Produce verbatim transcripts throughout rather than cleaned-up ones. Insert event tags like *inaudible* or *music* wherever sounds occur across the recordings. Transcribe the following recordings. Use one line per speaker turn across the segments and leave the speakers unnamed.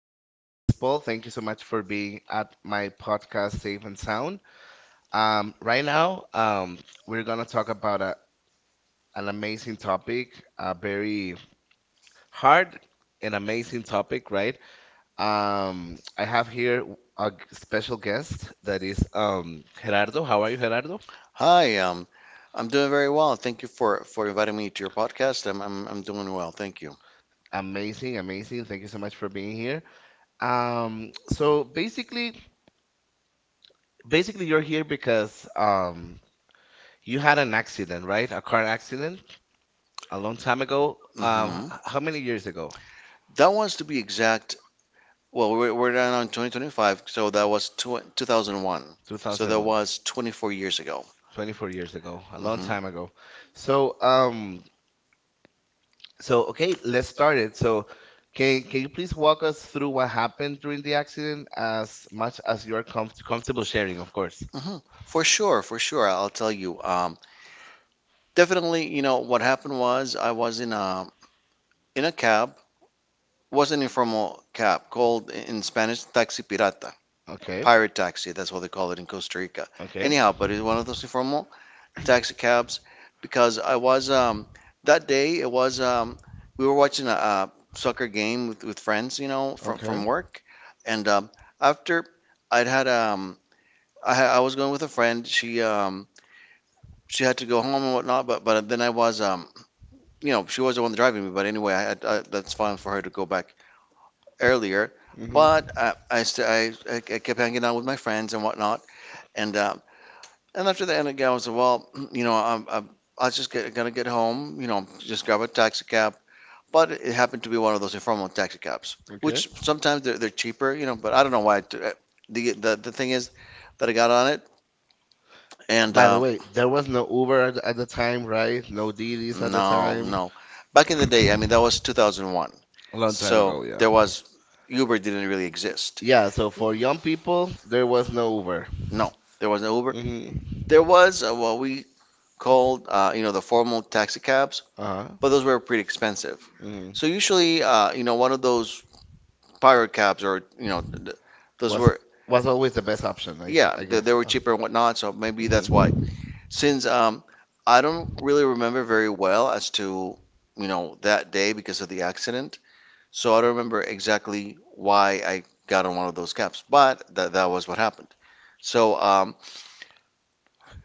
you? My name is Paul. Thank you so much for being at my podcast, Safe and Sound. Um, right now, um, we're gonna talk about a, an amazing topic, a very hard and amazing topic, right? Um, I have here a g- special guest that is um, Gerardo. How are you, Gerardo?
Hi, um, I'm doing very well. Thank you for for inviting me to your podcast. I'm I'm, I'm doing well. Thank you.
Amazing, amazing. Thank you so much for being here. Um, so basically, basically, you're here because um, you had an accident, right? A car accident a long time ago. Um,
Hmm.
h- how many years ago?
That was to be exact. Well, we're, we're down on twenty twenty-five, so that was tw two thousand one. So that
two thousand one.
was twenty-four years ago.
twenty-four years ago, a long time
Hmm.
ago. So, um, so okay, let's start it. So, can can you please walk us through what happened during the accident as much as you are comf comfortable sharing, of course.
Hmm. For sure, for sure. I'll tell you. Um, definitely, you know what happened was I was in a in a cab. Was an informal cab called in Spanish taxi pirata,
Okay.
pirate taxi. That's what they call it in Costa Rica.
Okay.
Anyhow, but it's one of those informal taxicabs, because I was um that day it was um we were watching a, a soccer game with, with friends, you know, from
Okay.
from work, and um after I'd had um I ha- I was going with a friend. She um she had to go home and whatnot, but but then I was um you know, she was the one driving me, but anyway I, had- I that's fine for her to go back earlier.
Mhm.
But I I, st- I I I kept hanging out with my friends and whatnot, and uh, and after the end of the day, I was like, well, *clears throat* you know, I'm, I'm I was just get, gonna get home, you know, just grab a taxi cab. But it happened to be one of those informal taxi cabs,
Okay.
which sometimes they're, they're cheaper, you know. But I don't know why. It, the, the the thing is that I got on it, and
By the
um,
way, there was no Uber at, at the time, right? No Didis at the
no,
time.
no. Back in the day, I mean, that was two thousand one.
A long time
So
ago, yeah.
there was Uber didn't really exist.
Yeah, so for young people, there was no Uber.
No, there was no Uber. There
Mm-hmm.
was uh, what we called, uh, you know, the formal taxi cabs,
Uh-huh.
but those were pretty expensive.
hmm
So usually, uh, you know, one of those pirate cabs or, you know, th- those
Was
were,
was always the best option, I,
yeah,
I
they, they
guess.
were
Uh,
cheaper and whatnot. So maybe that's why.
mhm.
Since um, I don't really remember very well as to, you know, that day because of the accident. So I don't remember exactly why I got on one of those cabs, but that that was what happened. So um,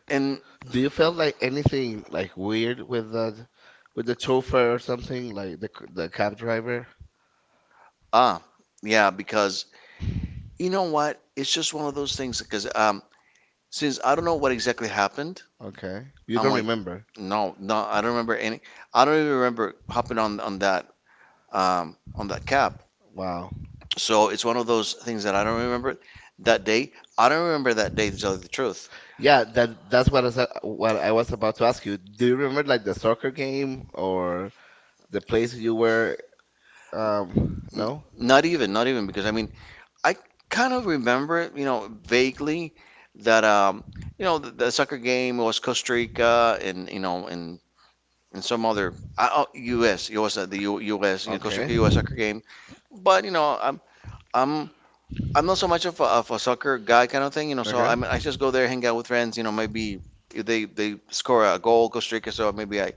and
Do you feel like anything like weird with the with the chauffeur or something like the c- the cab driver?
ah, yeah, because you know what? It's just one of those things because um, since I don't know what exactly happened,
Okay, you
I'm
don't
like,
remember.
no, no, I don't remember any. I don't even remember hopping on on that um, on that cab.
Wow.
So it's one of those things that I don't remember that day. I don't remember that day to tell you the truth.
Yeah, that that's what I was, what I was about to ask you. Do you remember like the soccer game or the place you were? Um,
N-
no.
Not even, not even, because I mean, I kind of remember, you know, vaguely that um, you know, the, the soccer game was Costa Rica, and you know, and and some other I, oh, U S. It was uh, the U, U.S. You know, Costa
Okay.
Rica U S soccer game. But you know, I'm I'm I'm not so much of a, of a soccer guy kind of thing, you know. So
Okay.
I'm, I just go there, hang out with friends, you know. Maybe if they they score a goal, Costa Rica, so maybe I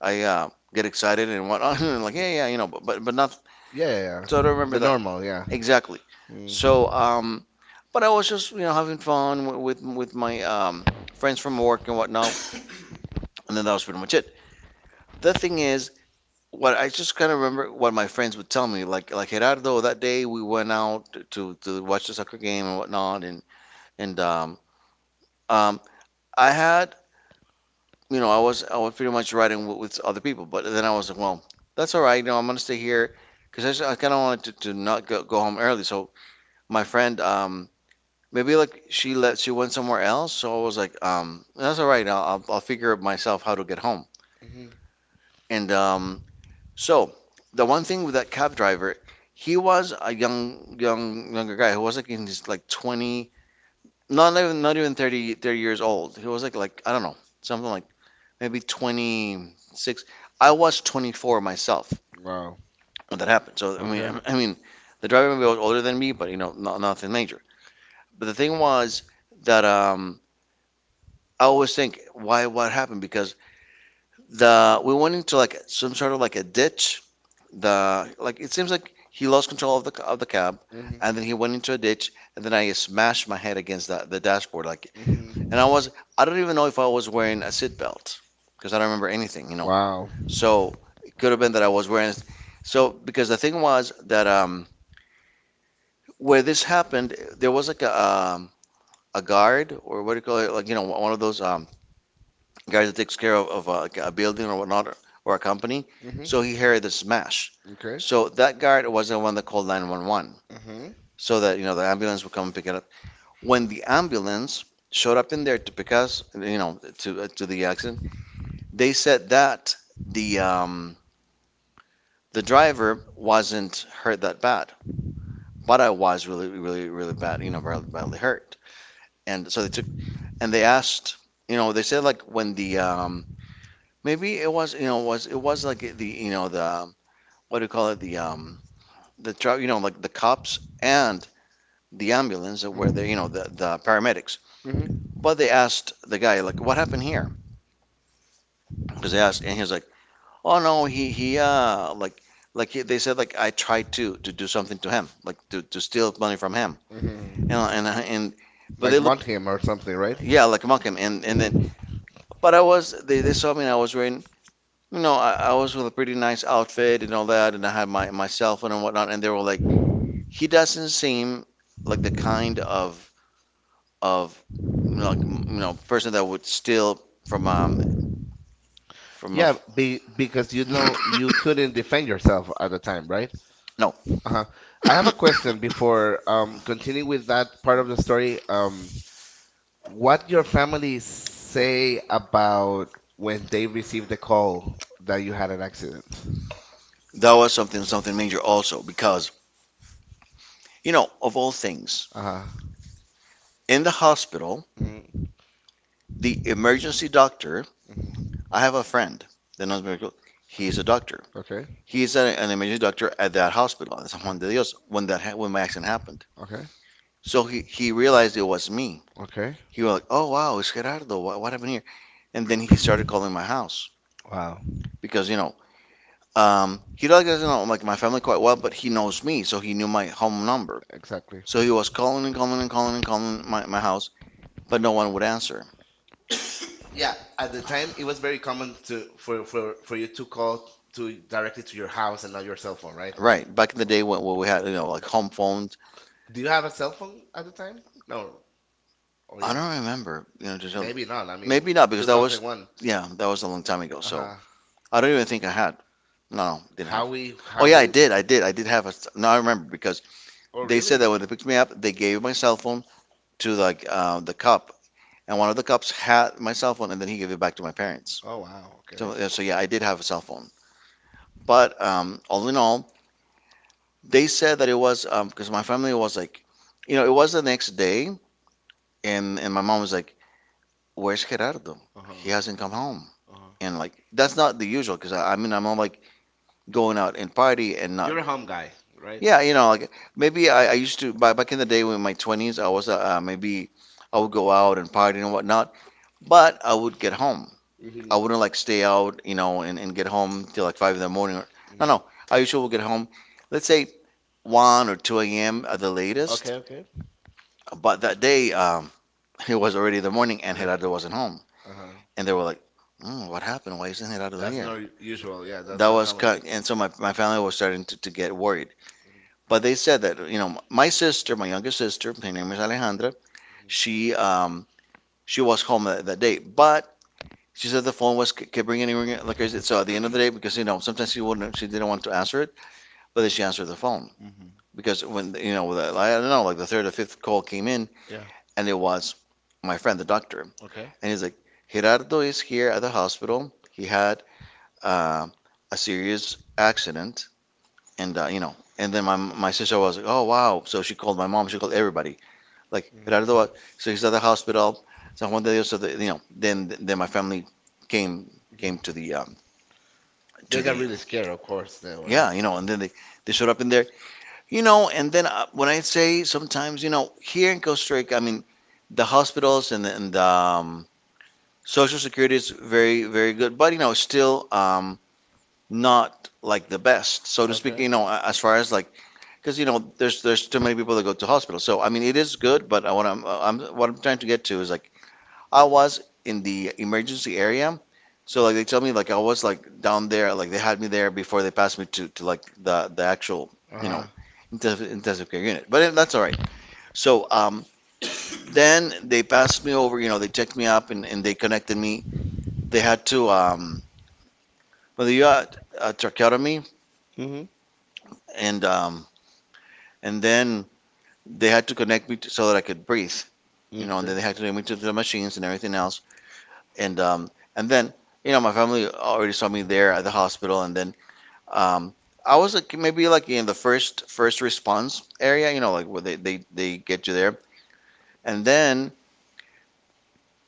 I uh, get excited and whatnot, *laughs* and like
Y-
yeah, yeah, you know. But but, but not.
Yeah, yeah,
So I
yeah.
don't remember
The
that
normal, yeah.
exactly. So
Mm.
um, but I was just you know having fun wi- with with my um friends from work and whatnot, *coughs* and then that was pretty much it. The thing is, what I just kind of remember what my friends would tell me, like like Gerardo, that day we went out to to watch the soccer game and whatnot, and and um, um, I had, you know, I was I was pretty much riding with, with other people, but then I was like, well, that's all right. You know, I'm gonna stay here because I kind of wanted to, to not go, go home early. So my friend, um, maybe like she let she went somewhere else. So I was like, um, that's all right. I'll I'll, I'll figure out myself how to get home.
Hmm.
And um, so the one thing with that cab driver, he was a young young younger guy who was like in his like twenties, not even not even 30 30 years old. He was like like I don't know something like maybe twenty-six. I was twenty-four myself
Wow.
when that happened. So I mean,
Okay.
I- mean, the driver maybe was older than me, but you know, not, nothing major. But the thing was that um, I always think why what happened, because the we went into like some sort of like a ditch. The Like it seems like he lost control of the of the cab,
Hmm.
and then he went into a ditch, and then I smashed my head against the, the dashboard. Like,
Hmm.
and I was, I don't even know if I was wearing a seatbelt because I don't remember anything, you know.
Wow.
So it could have been that I was wearing. So because the thing was that um, where this happened, there was like a um, a guard, or what do you call it? Like you know, one of those um, guys that takes care of, of uh, like a, building or whatnot or a company.
Hmm.
So he heard the smash.
Okay.
So that guard was the one that called nine one one
Hmm.
so that you know the ambulance would come and pick it up. When the ambulance showed up in there to pick us, you know, to uh, to the accident, they said that the um, the driver wasn't hurt that bad, but I was really, really, really bad, you know, badly, badly hurt. And so they took and they asked, you know, they said like when the um, maybe it was, you know, was it was like the, you know, the what do you call it, the um, the truck, you know, like the cops and the ambulance where they, you
Mhm.
know, the the paramedics.
Mhm.
But they asked the guy like, what happened here? Because they asked, and he's like, oh no, he he uh like like he, they said like I tried to to do something to him, like to to steal money from him.
you
You know,
Mhm.
and I- and but they
Like mud
looked
him or something, right?
yeah, like a him, and and then
Mhm.
but I was they they saw me and I was wearing, you know, I, I was with a pretty nice outfit, and all that, and I had my my cell phone and whatnot, and they were like, he doesn't seem like the kind of of you know, like, you know, person that would steal from um from a
Yeah, be, because you know you couldn't defend yourself at the time, right?
*coughs* no.
Uh-huh. I have a question before um continuing with that part of the story.
*coughs*
Um, what your family say about when they received the call that you had an accident?
That was something something major also, because you know, of all things,
Uh-huh.
in the hospital,
Mm-hmm.
the emergency doctor. I have a friend. The non-medical. He is a doctor.
Okay.
He is a, an emergency doctor at that hospital, at San
Okay.
Juan de Dios, when that ha- when my accident happened.
Okay.
So he he realized it was me.
Okay.
He was like, "Oh wow, it's Gerardo. What, what happened here?" And then he started calling my house,
Wow.
because you know, um, he like doesn't know like my family quite well, but he knows me, so he knew my home number.
Exactly.
So he was calling and calling and calling and calling my, my house, but no one would answer.
Yeah, at the time it was very common to for for for you to call to directly to your house and not your cell phone, right?
Right. Back in the
Oh,
day when, when we had, you know, like
mhm.
home phones.
Do you have a cell phone at the time? No, or
I don't
yes?
remember, you know, just
Maybe not. I mean,
maybe not because that two thousand was,
two thousand one.
two thousand one. Yeah, that was a long time ago. So
Uh-huh.
I don't even think I had. No, no, didn't have.
How we
Oh
how
yeah, I
we
how did. I did. I did have a. No, I remember because
Oh,
they
really?
said that when they picked me up, they gave my cell phone to like uh, the cop, and one of the cops had my cell phone, and then he gave it back to my parents.
Oh,
Okay.
wow. Okay.
So, yeah, so yeah, I did have a cell phone. But um, all in all, they said that it was um, because my family was like, you know, it was the next day, and and my mom was like, where's Gerardo? He
Uh-huh.
hasn't come home.
Uh-huh.
And like that's not the usual because I, I mean I'm like going out and party and not.
home guy, right?
Yeah, you know, like maybe I, I used to back back in the day when my twenties, I was uh, uh, maybe I would go out and party and whatnot, but I would get home.
Mm-hmm.
I wouldn't like stay out, you know, and, and get home till like five in the morning. Or,
I
no,
don't
no, I usually would get home, let's say one or two a.m. at the latest.
okay.
But that day, um, *laughs* it was already the morning and Gerardo
*laughs*
wasn't home.
Uh huh.
And they were like, mm, "What happened? Why isn't it out of here?"
not u- usual. Yeah,
That was
common.
cut, and so my my family was starting to, to get worried. But they said that you know my sister, my youngest sister, her name is Alejandra. She um she was home that, that day, but she said the phone was kept ringing and ringing like crazy. So at the end of the day, because you know sometimes she wouldn't, she didn't want to answer it, but then she answered the phone
Mm-hmm. Um, Mm-hmm.
because when you know the, I don't know, like the third or fifth call came in,
Yeah.
and it was my friend the doctor,
Okay.
and he's like, "Gerardo is here at the hospital. He had uh, a serious accident," and uh, you know, and then my my sister was like, "Oh wow." So she called my mom, she called everybody, like
Mhm.
Gerardo, so he's at the hospital, San Juan de Dios. So the, you know, then then my family came came to the um,
They
to
got
the
really scared, of course. They like
yeah, you know, and then they, they showed up in there. you know, and then uh, when I say sometimes, you know, here in Costa Rica, I mean, the hospitals and, the, and the um, Social Security is very, very good. But, you know, still, um, not like the best, so to speak. You know, as far as like, because you know, there's there's too many people that go to hospital. So I mean, it is good, but I, what I'm, I'm what I'm trying to get to is like, I was in the emergency area, so like they tell me like I was like down there, like they had me there before they passed me to to like the the actual
I, I Uh
you know
huh.
intensive, intensive care unit. But it, that's all right. So um, then they passed me over, you know, they checked me up and, and they connected me. They had to, um, well, they got a tracheotomy
Mm-hmm. I
and um, And then they had to connect me to, so that I could breathe, you know, and then
don't
they had to connect me to the machines and everything else. And um, and then, you know, my family already saw me there at the hospital. And then um, I was like maybe like in the first first response area, you know, like where they, they, they get you there. And then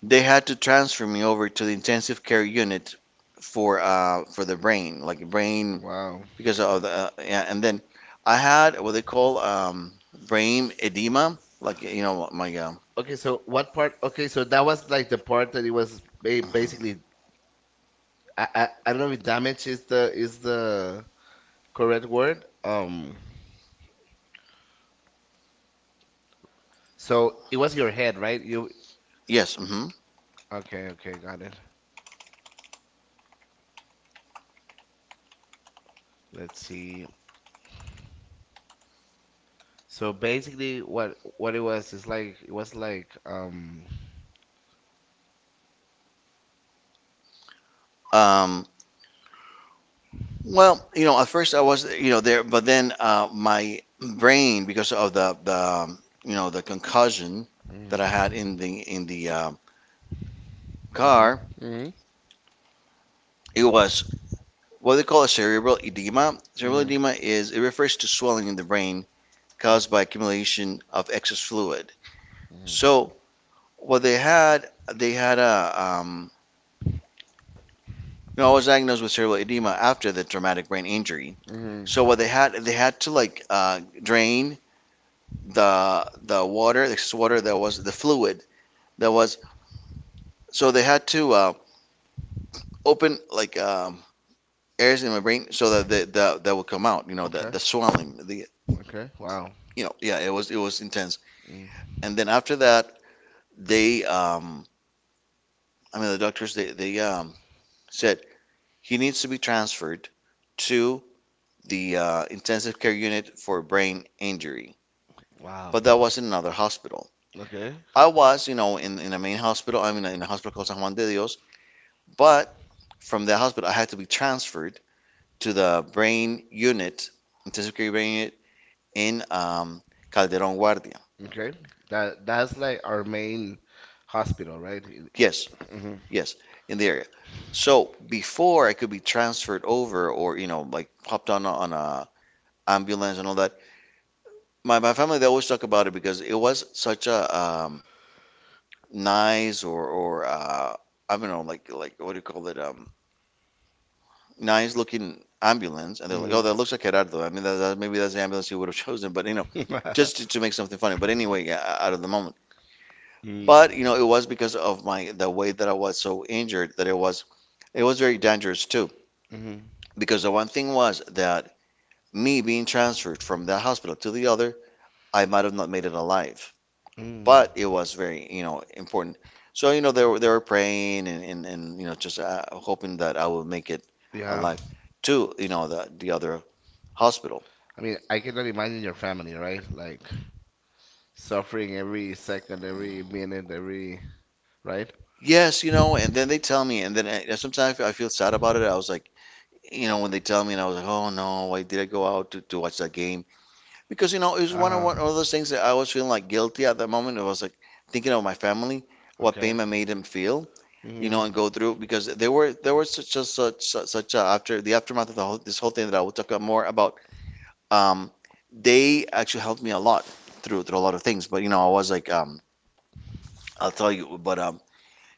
they had to transfer me over to the intensive care unit for uh, for the brain, like brain
Wow.
because of the uh, yeah, and then I had what they call um, brain edema, like you know my uh,
Okay, so what part? Okay, so that was like the part that it was ba-
basically.
basically. I, I I don't know if damage is the is the correct word. Um, so it was your head, right? You
Yes. Hmm.
okay? Okay, got it. Let's see. So basically, what what it was is like it was like um.
Um, well, you know, at first I was, you know, there, but then uh, my brain, because of the the um, you know the concussion
Mm,
that I had in the in the um
mhm,
car,
mhm,
it was what they call a cerebral edema.
mhm,
Cerebral
mhm,
edema is it refers to swelling in the brain caused by accumulation of excess fluid. So what they had, they had a um, you know, I was diagnosed with cerebral edema after the traumatic brain injury.
mhm.
So what they had, they had to, like, uh, drain the the water, the excess water that was the fluid that was. So they had to uh, open, like, um, areas in my brain so that the, the that would come out. You know, the the swelling, the
Okay. Wow.
you know, yeah, it was it was intense.
Mm.
And then after that, they um, I mean the doctors they they um, said he needs to be transferred to the uh, intensive care unit for brain injury. But that was in another hospital.
Okay.
I was, you know, in, in the main hospital. I mean, in the hospital called San Juan de Dios, but from the hospital, I had to be transferred to the brain unit, intensive care brain unit in um, Calderon Guardia.
Okay. That that's like our main hospital, right?
Yes,
Mm-hmm.
yes, in the area. So before I could be transferred over or, you know, like, hopped on a, on a ambulance and all that, my, my family, they always talk about it because it was such a um, nice or, or uh, I don't know, like, like what do you call it? Um, nice looking ambulance, and they're like,
Hmm.
"Oh, that looks like Gerardo." I mean, that, that, maybe that's the ambulance you would have chosen, but you know, just to, to make
*laughs*
something funny. But anyway, yeah, out of the moment.
don't
But
*laughs*
you know, it was because of my the way that I was so injured that it was, it was very dangerous too.
that Hmm.
Because the one thing was that me being transferred from that hospital to the other, I might have not made it alive.
Mm.
But it was very, you know, important. So you know, they were they were praying and and, and you know, just uh, hoping that I would make it
Yeah.
alive to you know the the other hospital.
I mean, I cannot imagine your family, right? Like suffering every second, every minute, every, right?
Yes, you know, and then they tell me, and then I, sometimes I feel I feel sad about it. I was like, you know, when they tell me, and I was like, oh no, why did I go out to, to watch that game? Because you know, it was one of one of those things that I was feeling like guilty at that moment. It was like thinking of my family, what
Okay.
pain I made them feel, you
Mm-hmm.
know, and go through because there were there was such a, such such such a, after the aftermath of the whole, this whole thing that I will talk about more about. Um, they actually helped me a lot through through a lot of things, but you know, I was like, um, I'll tell you, but um,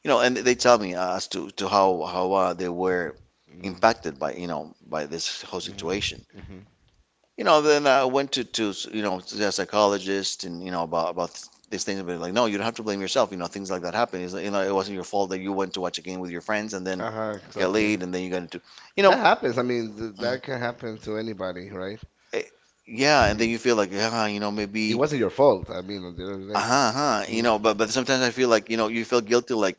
you know, and they tell me uh, as to to how how uh, they were
Mm-hmm.
impacted by you know by this whole situation.
Mm-hmm.
You know, then I went to to you know to a psychologist and you know about about these things, but like, "No, you don't have to blame yourself. You know, things like that happen. It's, like, you know, it wasn't your fault that you went to watch a game with your friends and then
Uh-huh,
got
exactly.
laid and then you got into, you know.
That happens. I
Mhm.
mean, th that can happen to anybody, right?
Eh, yeah, and then you
*clears throat*
feel like, ah, you know, it
It
maybe,
wasn't your fault. I mean, at the
you know?
end of the day.
Uh-huh, uh-huh. you
Mm.
know, but but sometimes I feel like, you know, you feel guilty, like,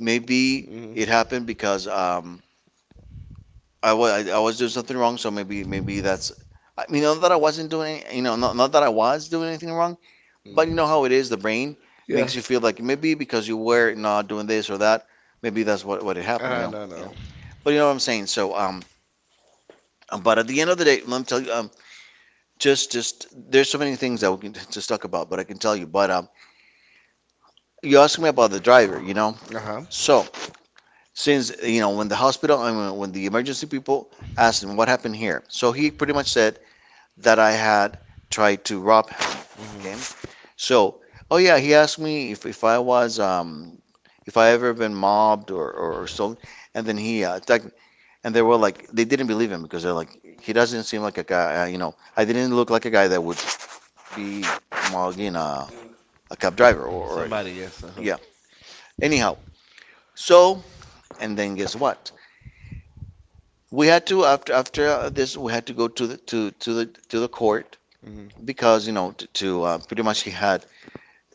maybe
Mm.
it happened because um, I was I, I was doing something wrong. So maybe maybe that's, I mean, not that I wasn't doing, you know not not that I was doing anything wrong,
Mm.
but you know how it is. The brain
Yeah.
makes you feel like
Ah
maybe because you were not doing this or that, maybe that's what what it happened. You know,
no,
you
no.
know. But you know what I'm saying. So um, um, but at the end of the day, let me tell you, um, just just there's so many things that we can *laughs* just talk about, but I can tell you. But um, you asked me about the driver, you know.
Uh-huh.
So since you know when the hospital I mean, when the emergency people asked him what happened here, so he pretty much said that I had tried to rob
Mm-hmm.
him. So, oh yeah, he asked me if, if I was um if I ever been mobbed or or, or so, and then he uh, attacked me, and they were like, they didn't believe him, because they're like, he doesn't seem like a guy, uh, you know I didn't look like a guy that would be mugging a, a cab driver or, or
Somebody, yes. Uh-huh. Yeah.
Yeah, anyhow. So, and then guess what? We had to after after uh, this, we had to go to the to to the to the court
Mm-hmm.
because you know to, to uh, pretty much he had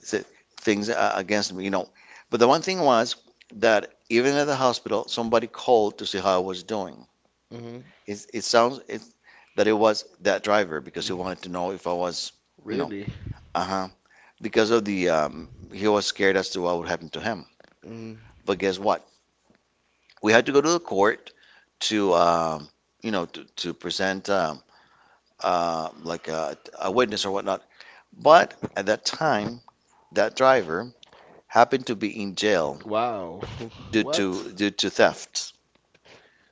th- things uh, against me you know. But the one thing was that even at the hospital somebody called to see how I was doing.
Hmm.
It it sounds it, that it was that driver, because he wanted to know if I was, you know
Really?
uh-huh, because of the um, he was scared as to what would happen to him.
Mm.
But guess what? We had to go to the court to um, you know to to present. Um, uh, like a, a witness or whatnot. But at that time, that driver happened to be in jail
Wow. *laughs*
due
What?
to due to theft.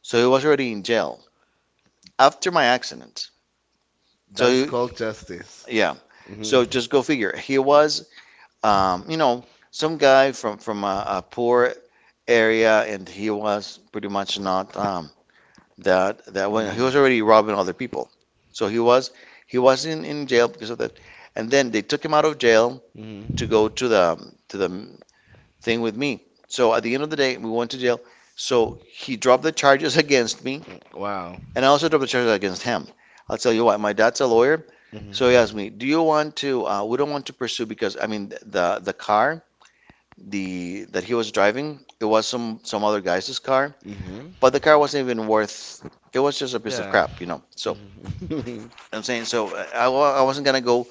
So he was already in jail after my accident. So,
That is
he,
called justice.
yeah.
Hmm.
So just go figure. He was, um, you know, some guy from from a, a poor area, and he was pretty much not, um, that that when he
Mm.
was already robbing other people. So he was he was in, in jail because of that. And then they took him out of jail
Hmm.
to go to the to the thing with me. So at the end of the day, we went to jail. So he dropped the charges *laughs* against me,
Wow.
and I also dropped the charges against him. I'll tell you what, my dad's a lawyer,
Hmm.
so he asked me, "Do you want to? Uh, we don't want to pursue because I mean the the car the that he was driving, it was some some other guy's car,
Hmm.
but the car wasn't even worth. It was just a piece of
Yeah.
crap, you know. So
Mhm.
I'm saying, so uh, I, I wasn't gonna go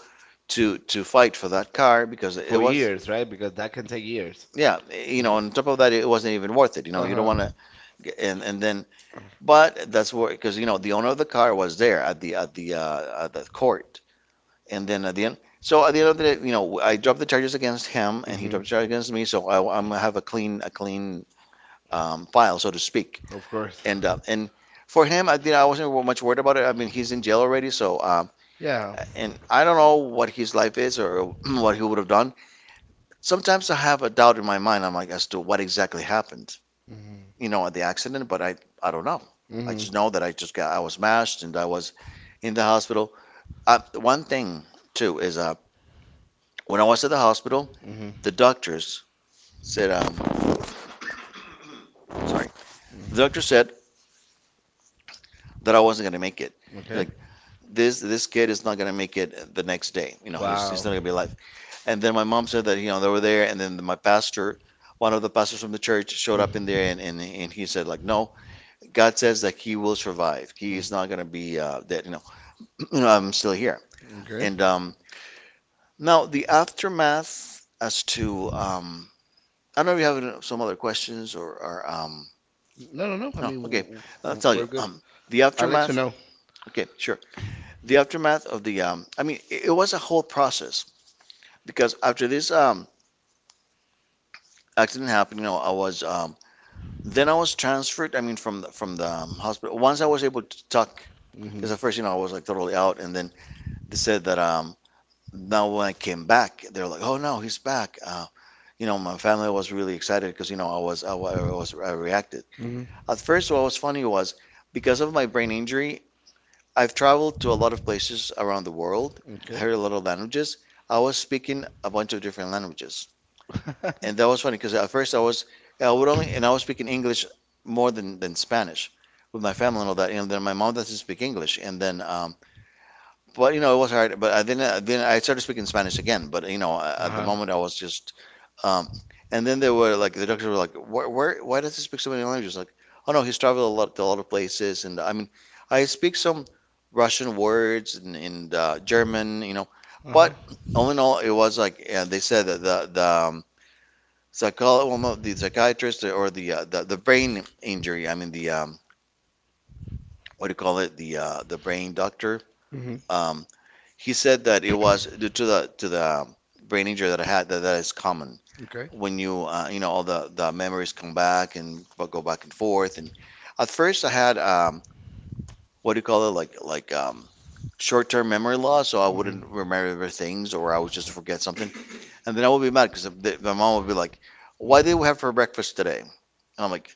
to to fight for that car because
*laughs*
it
For
was,
years, right? Because that can take years.
yeah, you know
Mhm.
on top of that, it wasn't even worth it you know You don't
Uh-huh.
want to, and and then. But that's where, because you know the owner of the car was there at the at the uh, at the court. And then at the end, so at the end of the day, you know I dropped the charges against him and he
Hmm.
dropped the charge against me, so I, I'm gonna have a clean a clean um, file, so to speak.
Of course.
And uh, and for him, I you know, I wasn't much worried about it. I mean, he's in jail already so um,
Yeah.
And I don't know what his life is, or *clears throat* what he would have done. Sometimes I have a doubt in my mind. I'm like, as to what exactly happened,
Mhm.
you know, at the accident, but I, I don't know. I
Mhm.
just know that I just got, I was smashed and I was in the hospital. Uh, one thing too is, uh, when I was at the hospital,
Mhm.
the doctors said, um, sorry, the
Mhm.
doctor said that I wasn't gonna make it. He's
Okay.
like, this, this kid is not gonna make it the next day. You know, he's, he's
Wow.
not gonna be alive. And then my mom said that, you know, they were there, and then my pastor, one of the pastors from the church, showed up in there, and and, and he said, like, no, God says that he will survive. He is not going to be uh, that you know *clears throat* you know, I'm still here.
Okay.
And um, now the aftermath as to um, I don't know if you have any- some other questions or, or um,
No, no, no. I
No,
mean,
okay.
w-
I'll
w-
tell you
we're good.
um, the
I'll let
aftermath.
you know.
Okay, sure. The aftermath of the um, I mean, it, it was a whole process because after this um, accident happened, you know, I was um, then I was transferred, I mean, from the, from the um, hospital once I was able to talk.
Mhm.
Because at first, you know, I was like totally out. And then they said that, um, now when I came back, they're like, "Oh no, he's back." Uh, you know, my family was really excited because, you know, I was I, wa- I was I reacted.
Mhm.
At first, what was funny was, because of my brain injury, I've traveled to a lot of places around the world,
Okay.
heard a lot of languages. I was speaking a bunch of different languages, and that was
*laughs*
funny because, at first, I was I would only and I was speaking English more than than Spanish with my family and all that. And then my mom doesn't speak English. And then, um, but you know, it was hard. But I, then uh, then I started speaking Spanish again. But you know, uh, at the
Uh-huh.
moment I was just, um, and then they were like, the doctors were like, where, where, why does he speak so many languages? Like, oh no, he's traveled a lot to a lot of places. And I mean, I speak some Russian words, and, and uh, German, you know.
Uh huh.
But all in all, it was like, uh, they said that the the um, psycholo-, well, no, the psychiatrist, or the, uh, the the brain injury. I mean the um, what do you call it? The uh, the brain doctor.
Mhm.
Um, he said that it was due to the to the um, brain injury that I had, that that is common
Okay.
when you, uh, you know, all the the memories come back and go back and forth. And at first I had um what do you call it, like like um short-term memory loss, so I
Mhm.
wouldn't remember things, or I would just forget something. And then I would be mad because my mom would be like, "Why did we have for breakfast today?" And I'm like,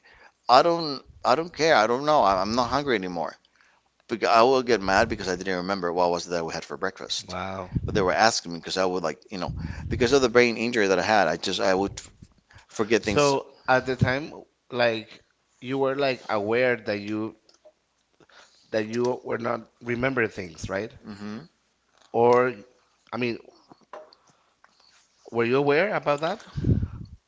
"I don't I don't care. I don't know. I- I'm not hungry anymore." But I will get mad because I didn't remember what was it that we had for breakfast.
Wow.
They were asking me because I would, like, you know, because of the brain injury that I had, I just I would f- forget things.
So at the time, like you were like aware that you that you were not remember things, right?
Hmm.
Or I mean, were you aware about that?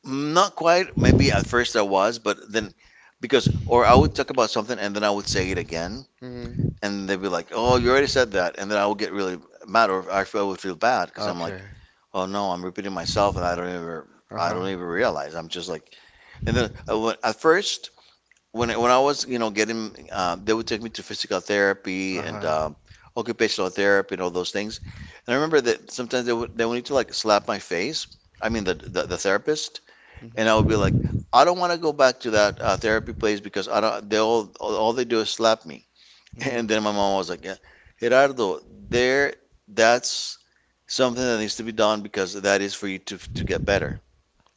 Not quite. Maybe at first I was, but then, because or I would talk about something and then I would say it again,
Mm.
and they'd be like, "Oh, you already said that," and then I would get really mad, or I feel I would feel bad because I'm
Okay.
like, "Oh no, I'm repeating myself and I don't even I
Uh-huh.
don't even realize." I'm just like, and then I went, at first, when I- when I was, you know, getting, uh, they would take me to physical therapy and, um, occupational therapy and all those things. And I remember that sometimes they would they would need to, like, slap my face. I mean the the, the therapist.
you
And I would be like,
Mhm.
I don't want to go back to that, uh, therapy place, because I don't. They all all they do is slap me. *laughs*
Mm.
And then my mom was like, yeah, Gerardo, there that's something that needs to be done, because that is for you to to get better.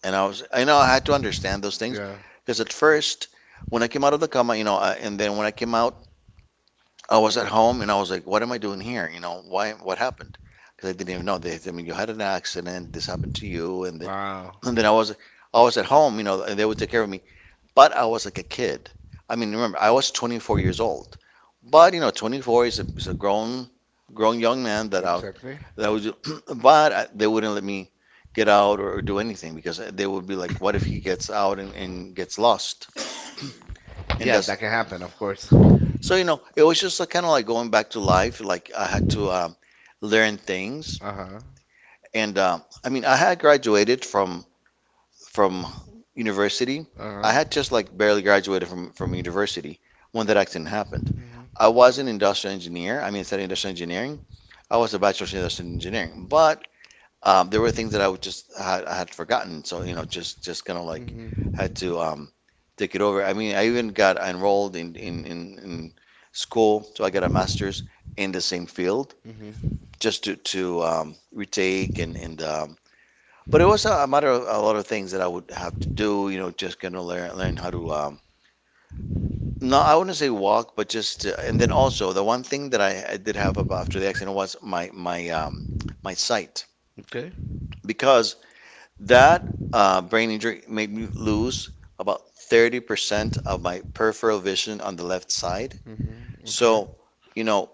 And I was, I know I had to understand those things. Because at first, when I came out of the coma, you know, I, and then when I came out, I was at home and I was like, what am I doing here? You know, why? What happened? Because I didn't even know. They, I mean, you had an accident, this happened to you. And then,
Wow.
and then I was, I was at home, you know, and they would take care of me. But I was like a kid. I mean, remember, I was twenty-four years old. But you know, twenty-four is a, is a grown, grown young man that out
Exactly.
that was. *clears throat* But I, they wouldn't let me get out, or, or do anything, because they would be like, what if he gets out and, and gets lost *clears throat* and
Yeah,
does.
that can happen, of course.
So, you know, it was just like, kind of like going back to life. Like I had to, um, learn things,
Uh-huh. Um,
and, um, I mean, I had graduated from from university.
Uh-huh.
I had just like barely graduated from from university when that accident happened.
Hmm.
I was an industrial engineer. I mean, studying industrial engineering. I was a bachelor's in industrial engineering, but um, there were things that I would just had, I had forgotten. So, you know, just just kind of like
Hmm.
had to, um, take it over. I mean, I even got enrolled in, in in in school, so I got a
Hmm.
master's in the same field, just to to um, retake and and um, but it was a, a matter of a lot of things that I would have to do. You know, just kind of learn learn how to, um, no, I wouldn't say walk, but just, uh, and then also, the one thing that I, I did have about after the accident was my my um my sight.
Okay.
Because that, uh, brain injury made me lose about thirty percent of my peripheral vision on the left side.
Hmm. Okay. So
So, you know,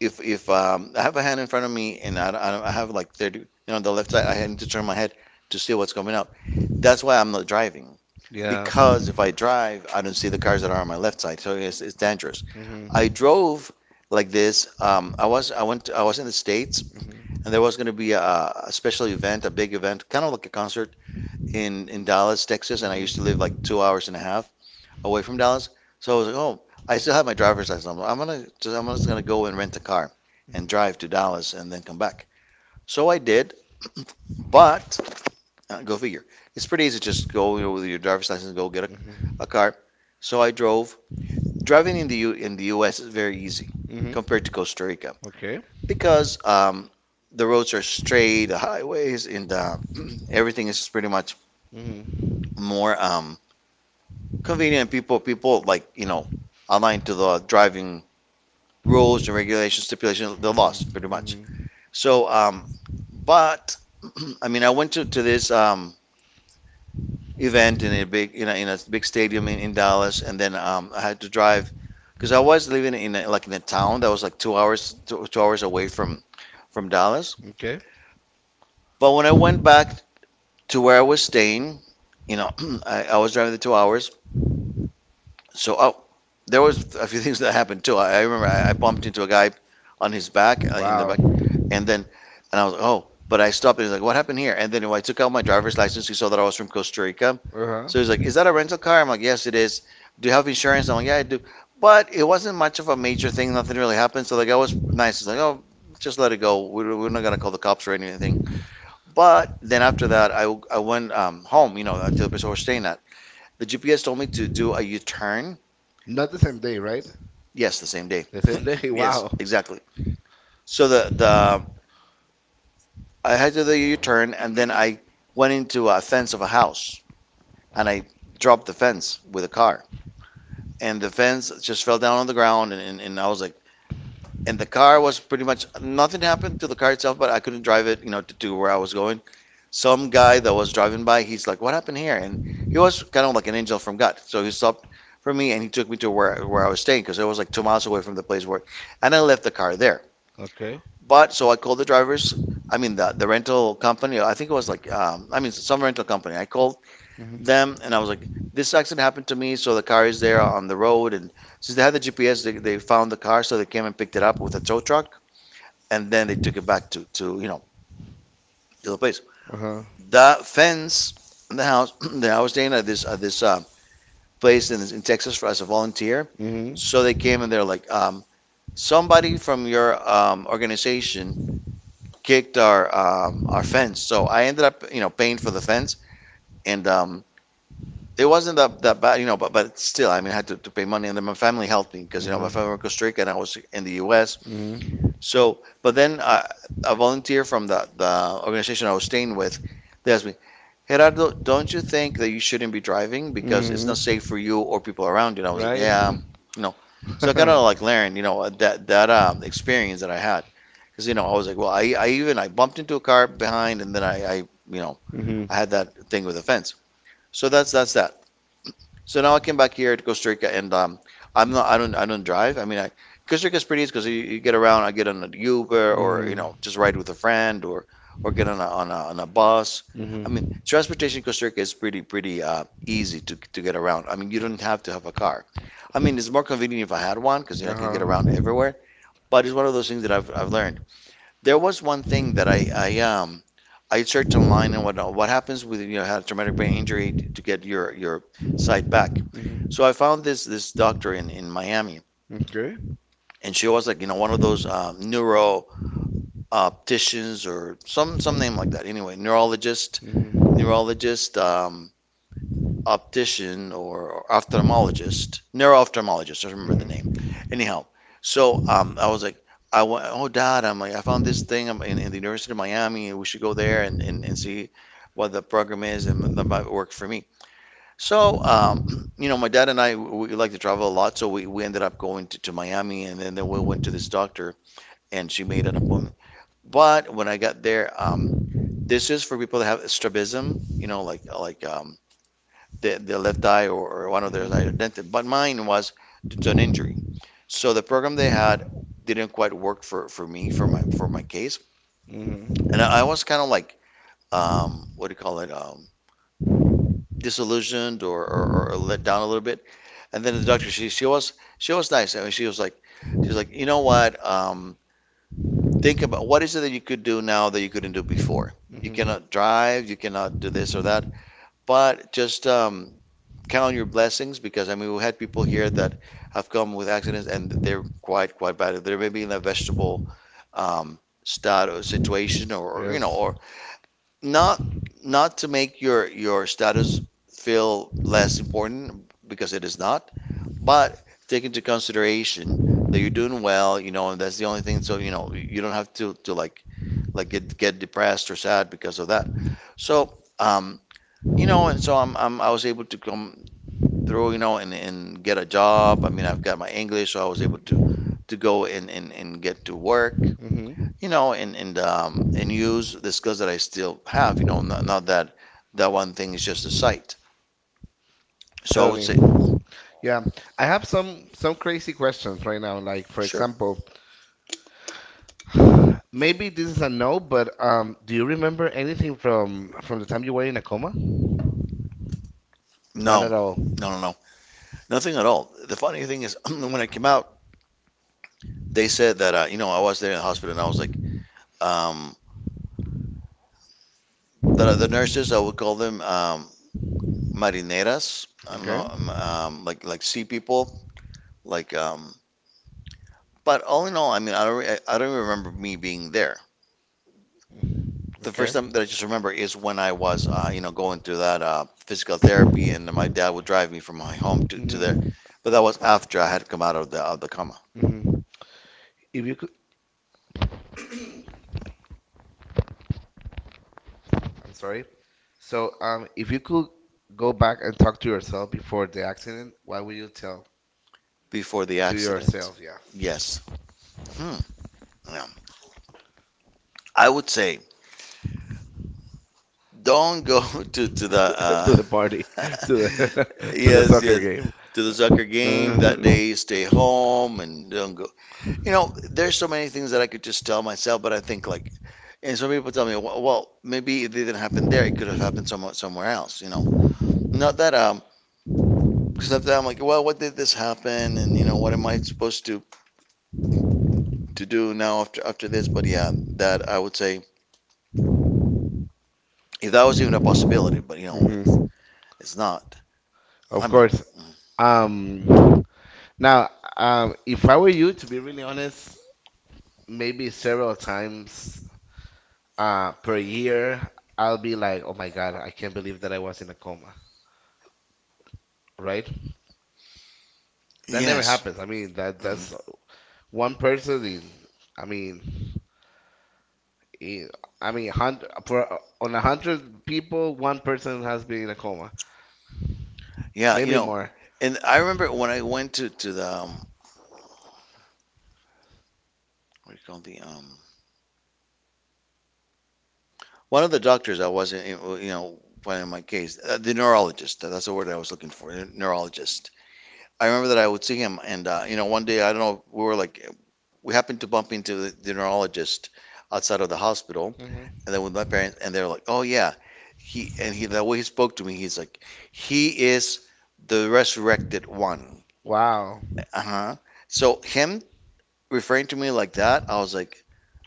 if if, um, I have a hand in front of me, and I, I I have like thirty, you know, on the left side, I need to turn my head to see what's coming up. That's why I'm not driving. Yeah.
yeah.
Because if I drive, I don't see the cars that are on my left side, so it's, it's dangerous.
Hmm.
I drove like this. Um, I was I went I was in the States,
Hmm.
and there was going to be a, a special event, a big event, kind of like a concert in in Dallas, Texas, and I used to live like
Hmm.
two hours and a half away from Dallas. So I was like, oh, I still have my driver's license. I'm, like, I'm gonna just I'm just gonna go and rent a car and
Hmm.
drive to Dallas and then come back. So I did, but, uh, go figure. It's pretty easy. Just go, you know, with your driver's license, go get a,
Hmm.
a car. So I drove. Driving in the U, in the U S is very easy
Mm-hmm.
compared to Costa Rica,
Okay.
because, um, the roads are straight, the highways, and, uh, *clears throat* everything is pretty much
Mm-hmm.
more, um, convenient. People, people, like, you know, align to the driving rules and regulations, stipulations, the
Mm-hmm.
laws, pretty much.
Mm-hmm.
So, um, but *clears throat* I mean, I went to, to this um, event in a big in a, in a big stadium in, in Dallas, and then um, I had to drive because I was living in a, like in a town that was like two hours two, two hours away from from Dallas.
Okay.
But when I went back to where I was staying, you know, *clears throat* I, I was driving the two hours. So I, there was a few *laughs* things that happened too. I, I remember I, I bumped into a guy on his back, uh, in the
Wow.
back,
Uh-huh.
and then and I was like, oh, but I stopped and he's like, what happened here? And then when I took out my driver's license, he saw that I was from Costa Rica. So he's like, is that a rental car? I'm like, yes, it is. Do you have insurance? I'm like, yeah, I do. But it wasn't much of a major thing. Nothing really happened. So the guy was nice. He's like, oh, just let it go. We're, we're not gonna call the cops or anything. But then after that, I, I went um, home, You know, to the place I was staying at. The G P S told me to do a U-turn.
Not the same day, right?
Yes, the same day.
The
The
same
same
day. *laughs*
day? *laughs* Yes,
Wow.
exactly. So the the I had to do the U-turn, and then I went into a fence of a house, and I dropped the fence with a car, and the fence just fell down on the ground, and, and, and I was like, and the car was pretty much, nothing happened to the car itself, but I couldn't drive it, you know to, to where I was going. Some guy that was driving by, he's like, what happened here? And he was kind of like an angel from God, so he stopped for me and he took me to where where I was staying, because it was like two miles away from the place where, and I left the car there.
Okay.
But so I called the drivers. I mean, the the rental company. I think it was like um, I mean, some rental company. I called them and I
Mm-hmm.
was like, this accident happened to me. So the car is there on the road, and since they had the G P S, they, they found the car, so they came and picked it up with a tow truck, and then they took it back to to you know to the place.
like, Uh-huh.
The fence in the house *clears throat* that I was staying at this at this uh, place in in Texas for, as a volunteer. So they came
Mm-hmm.
and they're like, um, somebody from your um, organization kicked our um, our fence. So I ended up, you know, paying for the fence, and um, it wasn't that, that bad, you know. But but still, I mean, I had to, to pay money, and then my family helped me because you know
Mhm.
my family was in Costa Rica and I was in the U S.
Mm-hmm.
So, but then uh, a volunteer from the the organization I was staying with, they asked me, Gerardo, don't you think that you shouldn't be driving because it's
Mm-hmm.
not safe for you or people around you? And I was like,
Right.
yeah, no. So I kind of like learned, you know, that that um,
*laughs*
experience that I had, because you know I was like, well, I, I even I bumped into a car behind, and then I, I you know
mm-hmm.
I had that thing with the fence. So that's that's that. So now I came back here to Costa Rica, and um, I'm not I don't I don't drive. I mean, I Costa Rica's pretty easy because you, you get around. I get on an Uber, or you
Mm-hmm.
know just ride with a friend, or or get on a on a, on a bus. I mean,
Mm-hmm.
transportation in Costa Rica is pretty pretty uh, easy to to get around. I mean, you don't have to have a car. I mean, it's more convenient if I had one because you know, I can get
Uh-huh.
around everywhere. But it's one of those things that I've I've learned. There was one thing that I, I um I searched online and whatnot. What happens with, you know had a traumatic brain injury, to get your your sight back?
Mm-hmm.
So I found this this doctor in in Miami,
Okay.
and she was like, you know one of those um, neuro opticians, or some some name like that. Anyway, neurologist,
Mm-hmm.
neurologist. Um, optician or ophthalmologist, neuro-ophthalmologist. I remember the name.
Mm-hmm.
Anyhow, so um, I was like, I went, oh dad, I'm like, I found this thing, um, in, in the University of Miami. We should go there and, and, and see what the program is, and that might work for me. So, um, *clears throat* you know, my dad and I, we we like to travel a lot. So we, we ended up going to, to Miami, and then, then we went to this doctor and she made an appointment. But when I got there, um, this is for people that have strabism, you know, like like um, the, the left eye, or, or one of their eyes are
Mm-hmm.
dented, but mine was due to an injury. So the program they had didn't quite work for, for me, for my for my case,
Mm-hmm.
and I, I was kind of like, um, what do you call it, um, disillusioned, or, or, or let down a little bit. And then the doctor, she she was she was nice. I mean, she was like she's like, you know what, um, think about what is it that you could do now that you couldn't do before. You
Mm-hmm.
cannot drive, you cannot do this or that, but just, um, count your blessings, because I mean, we had people here that have come with accidents, and they're quite, quite bad. They're maybe in a vegetable, um, status situation, or you know
Yes.
or not not to make your your status feel less important, because it is not, but take into consideration that you're doing well, you know, and that's the only thing. So, you know you don't have to to like like get get depressed or sad because of that. So um, you know, and so I'm, I'm I was able to come through, you know, and, and get a job. I mean, I've got my English, so I was able to to go and, and, and get to work,
Mm-hmm.
you know, and and um, and use the skills that I still have, you know, not, not that that one thing is just a sight. So I would
Totally.
say,
Yeah,
I
I have
have some
some some
friends.
crazy questions right now. Like for
Sure.
example, *sighs* maybe this is a no, but um, do you remember anything from from the time you were in a coma? Not
No,
at all.
no, no, no, nothing at all. The funny thing is, *laughs* *clears throat* when I came out, they said that, uh, you know I was there in the hospital, and I was like, um, the the nurses, I would call them, um, marineras. I don't know,
Okay.
um, um, like like sea people, like um, but all in all, I mean, I don't, re- I don't remember me being there. The first
Okay.
time that I just remember is when I was, uh, you know, going through that uh, physical therapy, and my dad would drive me from my home to, to there.
Mhm.
But that was after I had come out of the of the coma.
Mhm. If you could, I'm sorry. So um, if you could go back and talk to yourself before the accident, what would you tell
Before the
to
accident.
yourself? Yeah.
Yes. Hmm. Yeah. I would say, don't go *laughs* to to
*laughs*
the,
to
uh,
the uh, party,
*laughs*
*laughs* to the *laughs* to the
yes,
soccer
yes,
game.
to the soccer game that
Uh,
day. Stay home and don't go. You know, there's so many things that I could just tell myself, but I think, like. And some people tell me, well, well, maybe it didn't happen there. It could have happened somewhere somewhere else. You know, not that, um, because sometimes I'm like, well, what did this happen? And, you know, what am I supposed to to do now, after after this? But yeah, that I would say, if that was even a possibility, but, you know,
mhm.
it's not.
Of course.
Mm.
Um, now, um, if I were you, to be really honest, maybe several times uh, per year, I'll be like, "Oh my God, I can't believe that I was in a coma." Right? That never
Yes.
happens. I mean, that that's
Mm.
one person in. I mean. E- I mean, hundred for on a hundred people, one person has been in a coma,
Yeah, you
maybe
know,
more.
and I remember when I went to to the, um, what do you call the, um one of the doctors I was in, you know, when in my case, uh, the neurologist. That's the word I was looking for, neurologist. I remember that I would see him, and, uh, you know, one day I don't know, we were like, we happened to bump into the, the neurologist outside of the hospital,
Hmm.
and then with my parents, and they're like, oh yeah, he and he the way he spoke to me, he's like, he is the resurrected one.
Wow.
Uh-huh. So him referring to me like that, I was like,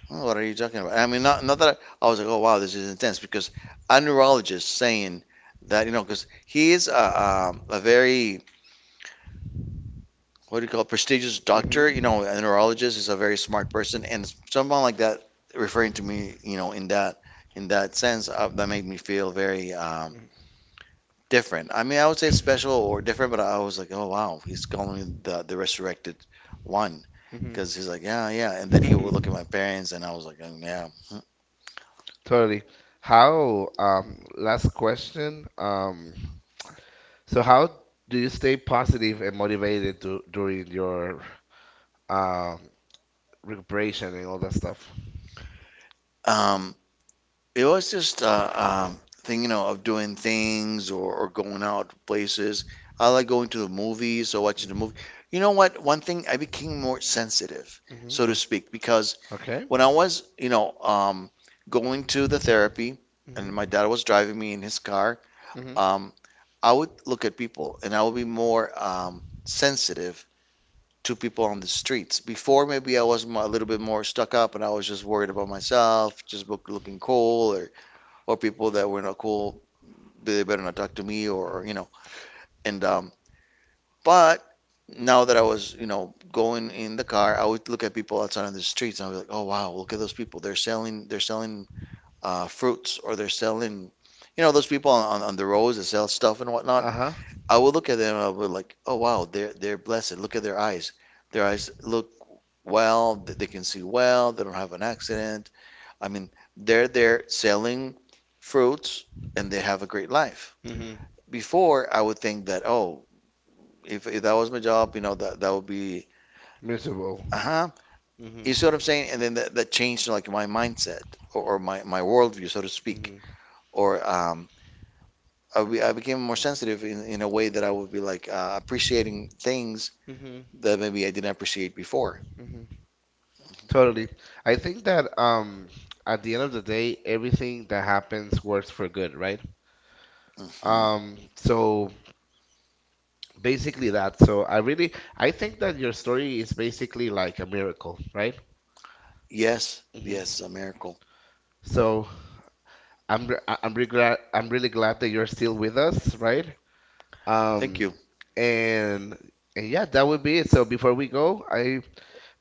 oh, what are you talking about? I mean, not not that I, I was like, oh wow, this is intense, because a neurologist saying that, you know, because he is a, a, a very, what do you call it, prestigious
Hmm.
doctor, you
Hmm.
know, a neurologist is a very smart person, and someone like that referring to me, you know, in that in that sense, uh, that made me feel very, um, different. I mean, I would say special or different, but I was like, oh wow, he's calling me the the resurrected one, because he's like, yeah, yeah, and then he would
*laughs*
look at my parents, and I was like, oh, yeah.
Totally. How, um, last question. Um, so how do you stay positive and motivated du during your um recuperation and all that stuff?
Um, It was just uh, um, thing, you know, of doing things, or, or going out to places. I like going to the movies, or watching the
Rolex,
movie. You know what? One thing, I became more sensitive, so
Mm-hmm.
to speak, because
Okay.
when I was, you know, um, going to the therapy, and
Mm-hmm.
my dad was driving me in his car,
Mm-hmm.
um, I would look at people, and I would be more, um, sensitive to people on the streets. Before, maybe I was mo- a little bit more stuck up, and I was just worried about myself, just look, looking cool, or or people that were not cool, they better not talk to me, or, you
Mhm.
know. And um, but now that I was, you know, going in the car, I would look at people outside on the streets, and I was like, oh wow, look at those people. They're selling, they're selling uh, fruits, or they're selling, you know, those people on, on the roads that sell stuff and whatnot.
Uh huh.
I would look at them, and I would be like, oh wow, they're they're blessed. Look at their eyes. Their eyes look well. they can see well. They don't have an accident. I mean, they're there selling fruits, and they have a great life.
Mm-hmm.
Before, I would think that, oh, if, if that was my job, you know, that, that would be.
Miserable.
Uh-huh.
You Mm-hmm.
You see what I'm saying? And
You
then that, that changed, like, my mindset, or, or my, my worldview, so to speak.
Mm-hmm.
Or um, I, be, I became more sensitive, in, in a way that I would be like, uh, appreciating things
Mm-hmm.
that maybe I didn't appreciate before.
Mm-hmm. Totally. I think that um at the end of the day, everything that happens works for good, right?
Mhm. Um,
Um, so basically that. So I really I think that your story is basically like a miracle, right?
Yes, yes,
Mm-hmm.
a miracle.
So I'm re- I- I'm really glad I'm really glad that you're still with us, right?
Thank
Um,
you.
and and yeah, that would be it. So before we go, I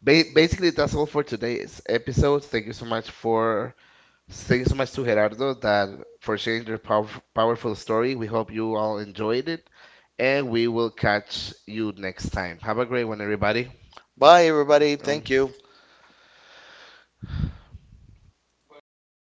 ba basically that's all for today's episode. Thank you so much for thank you so much to Gerardo that for sharing their pow powerful story. We hope you all enjoyed it, and we will catch you next time. Have a great one, everybody.
Bye, everybody.
Um,
Thank you.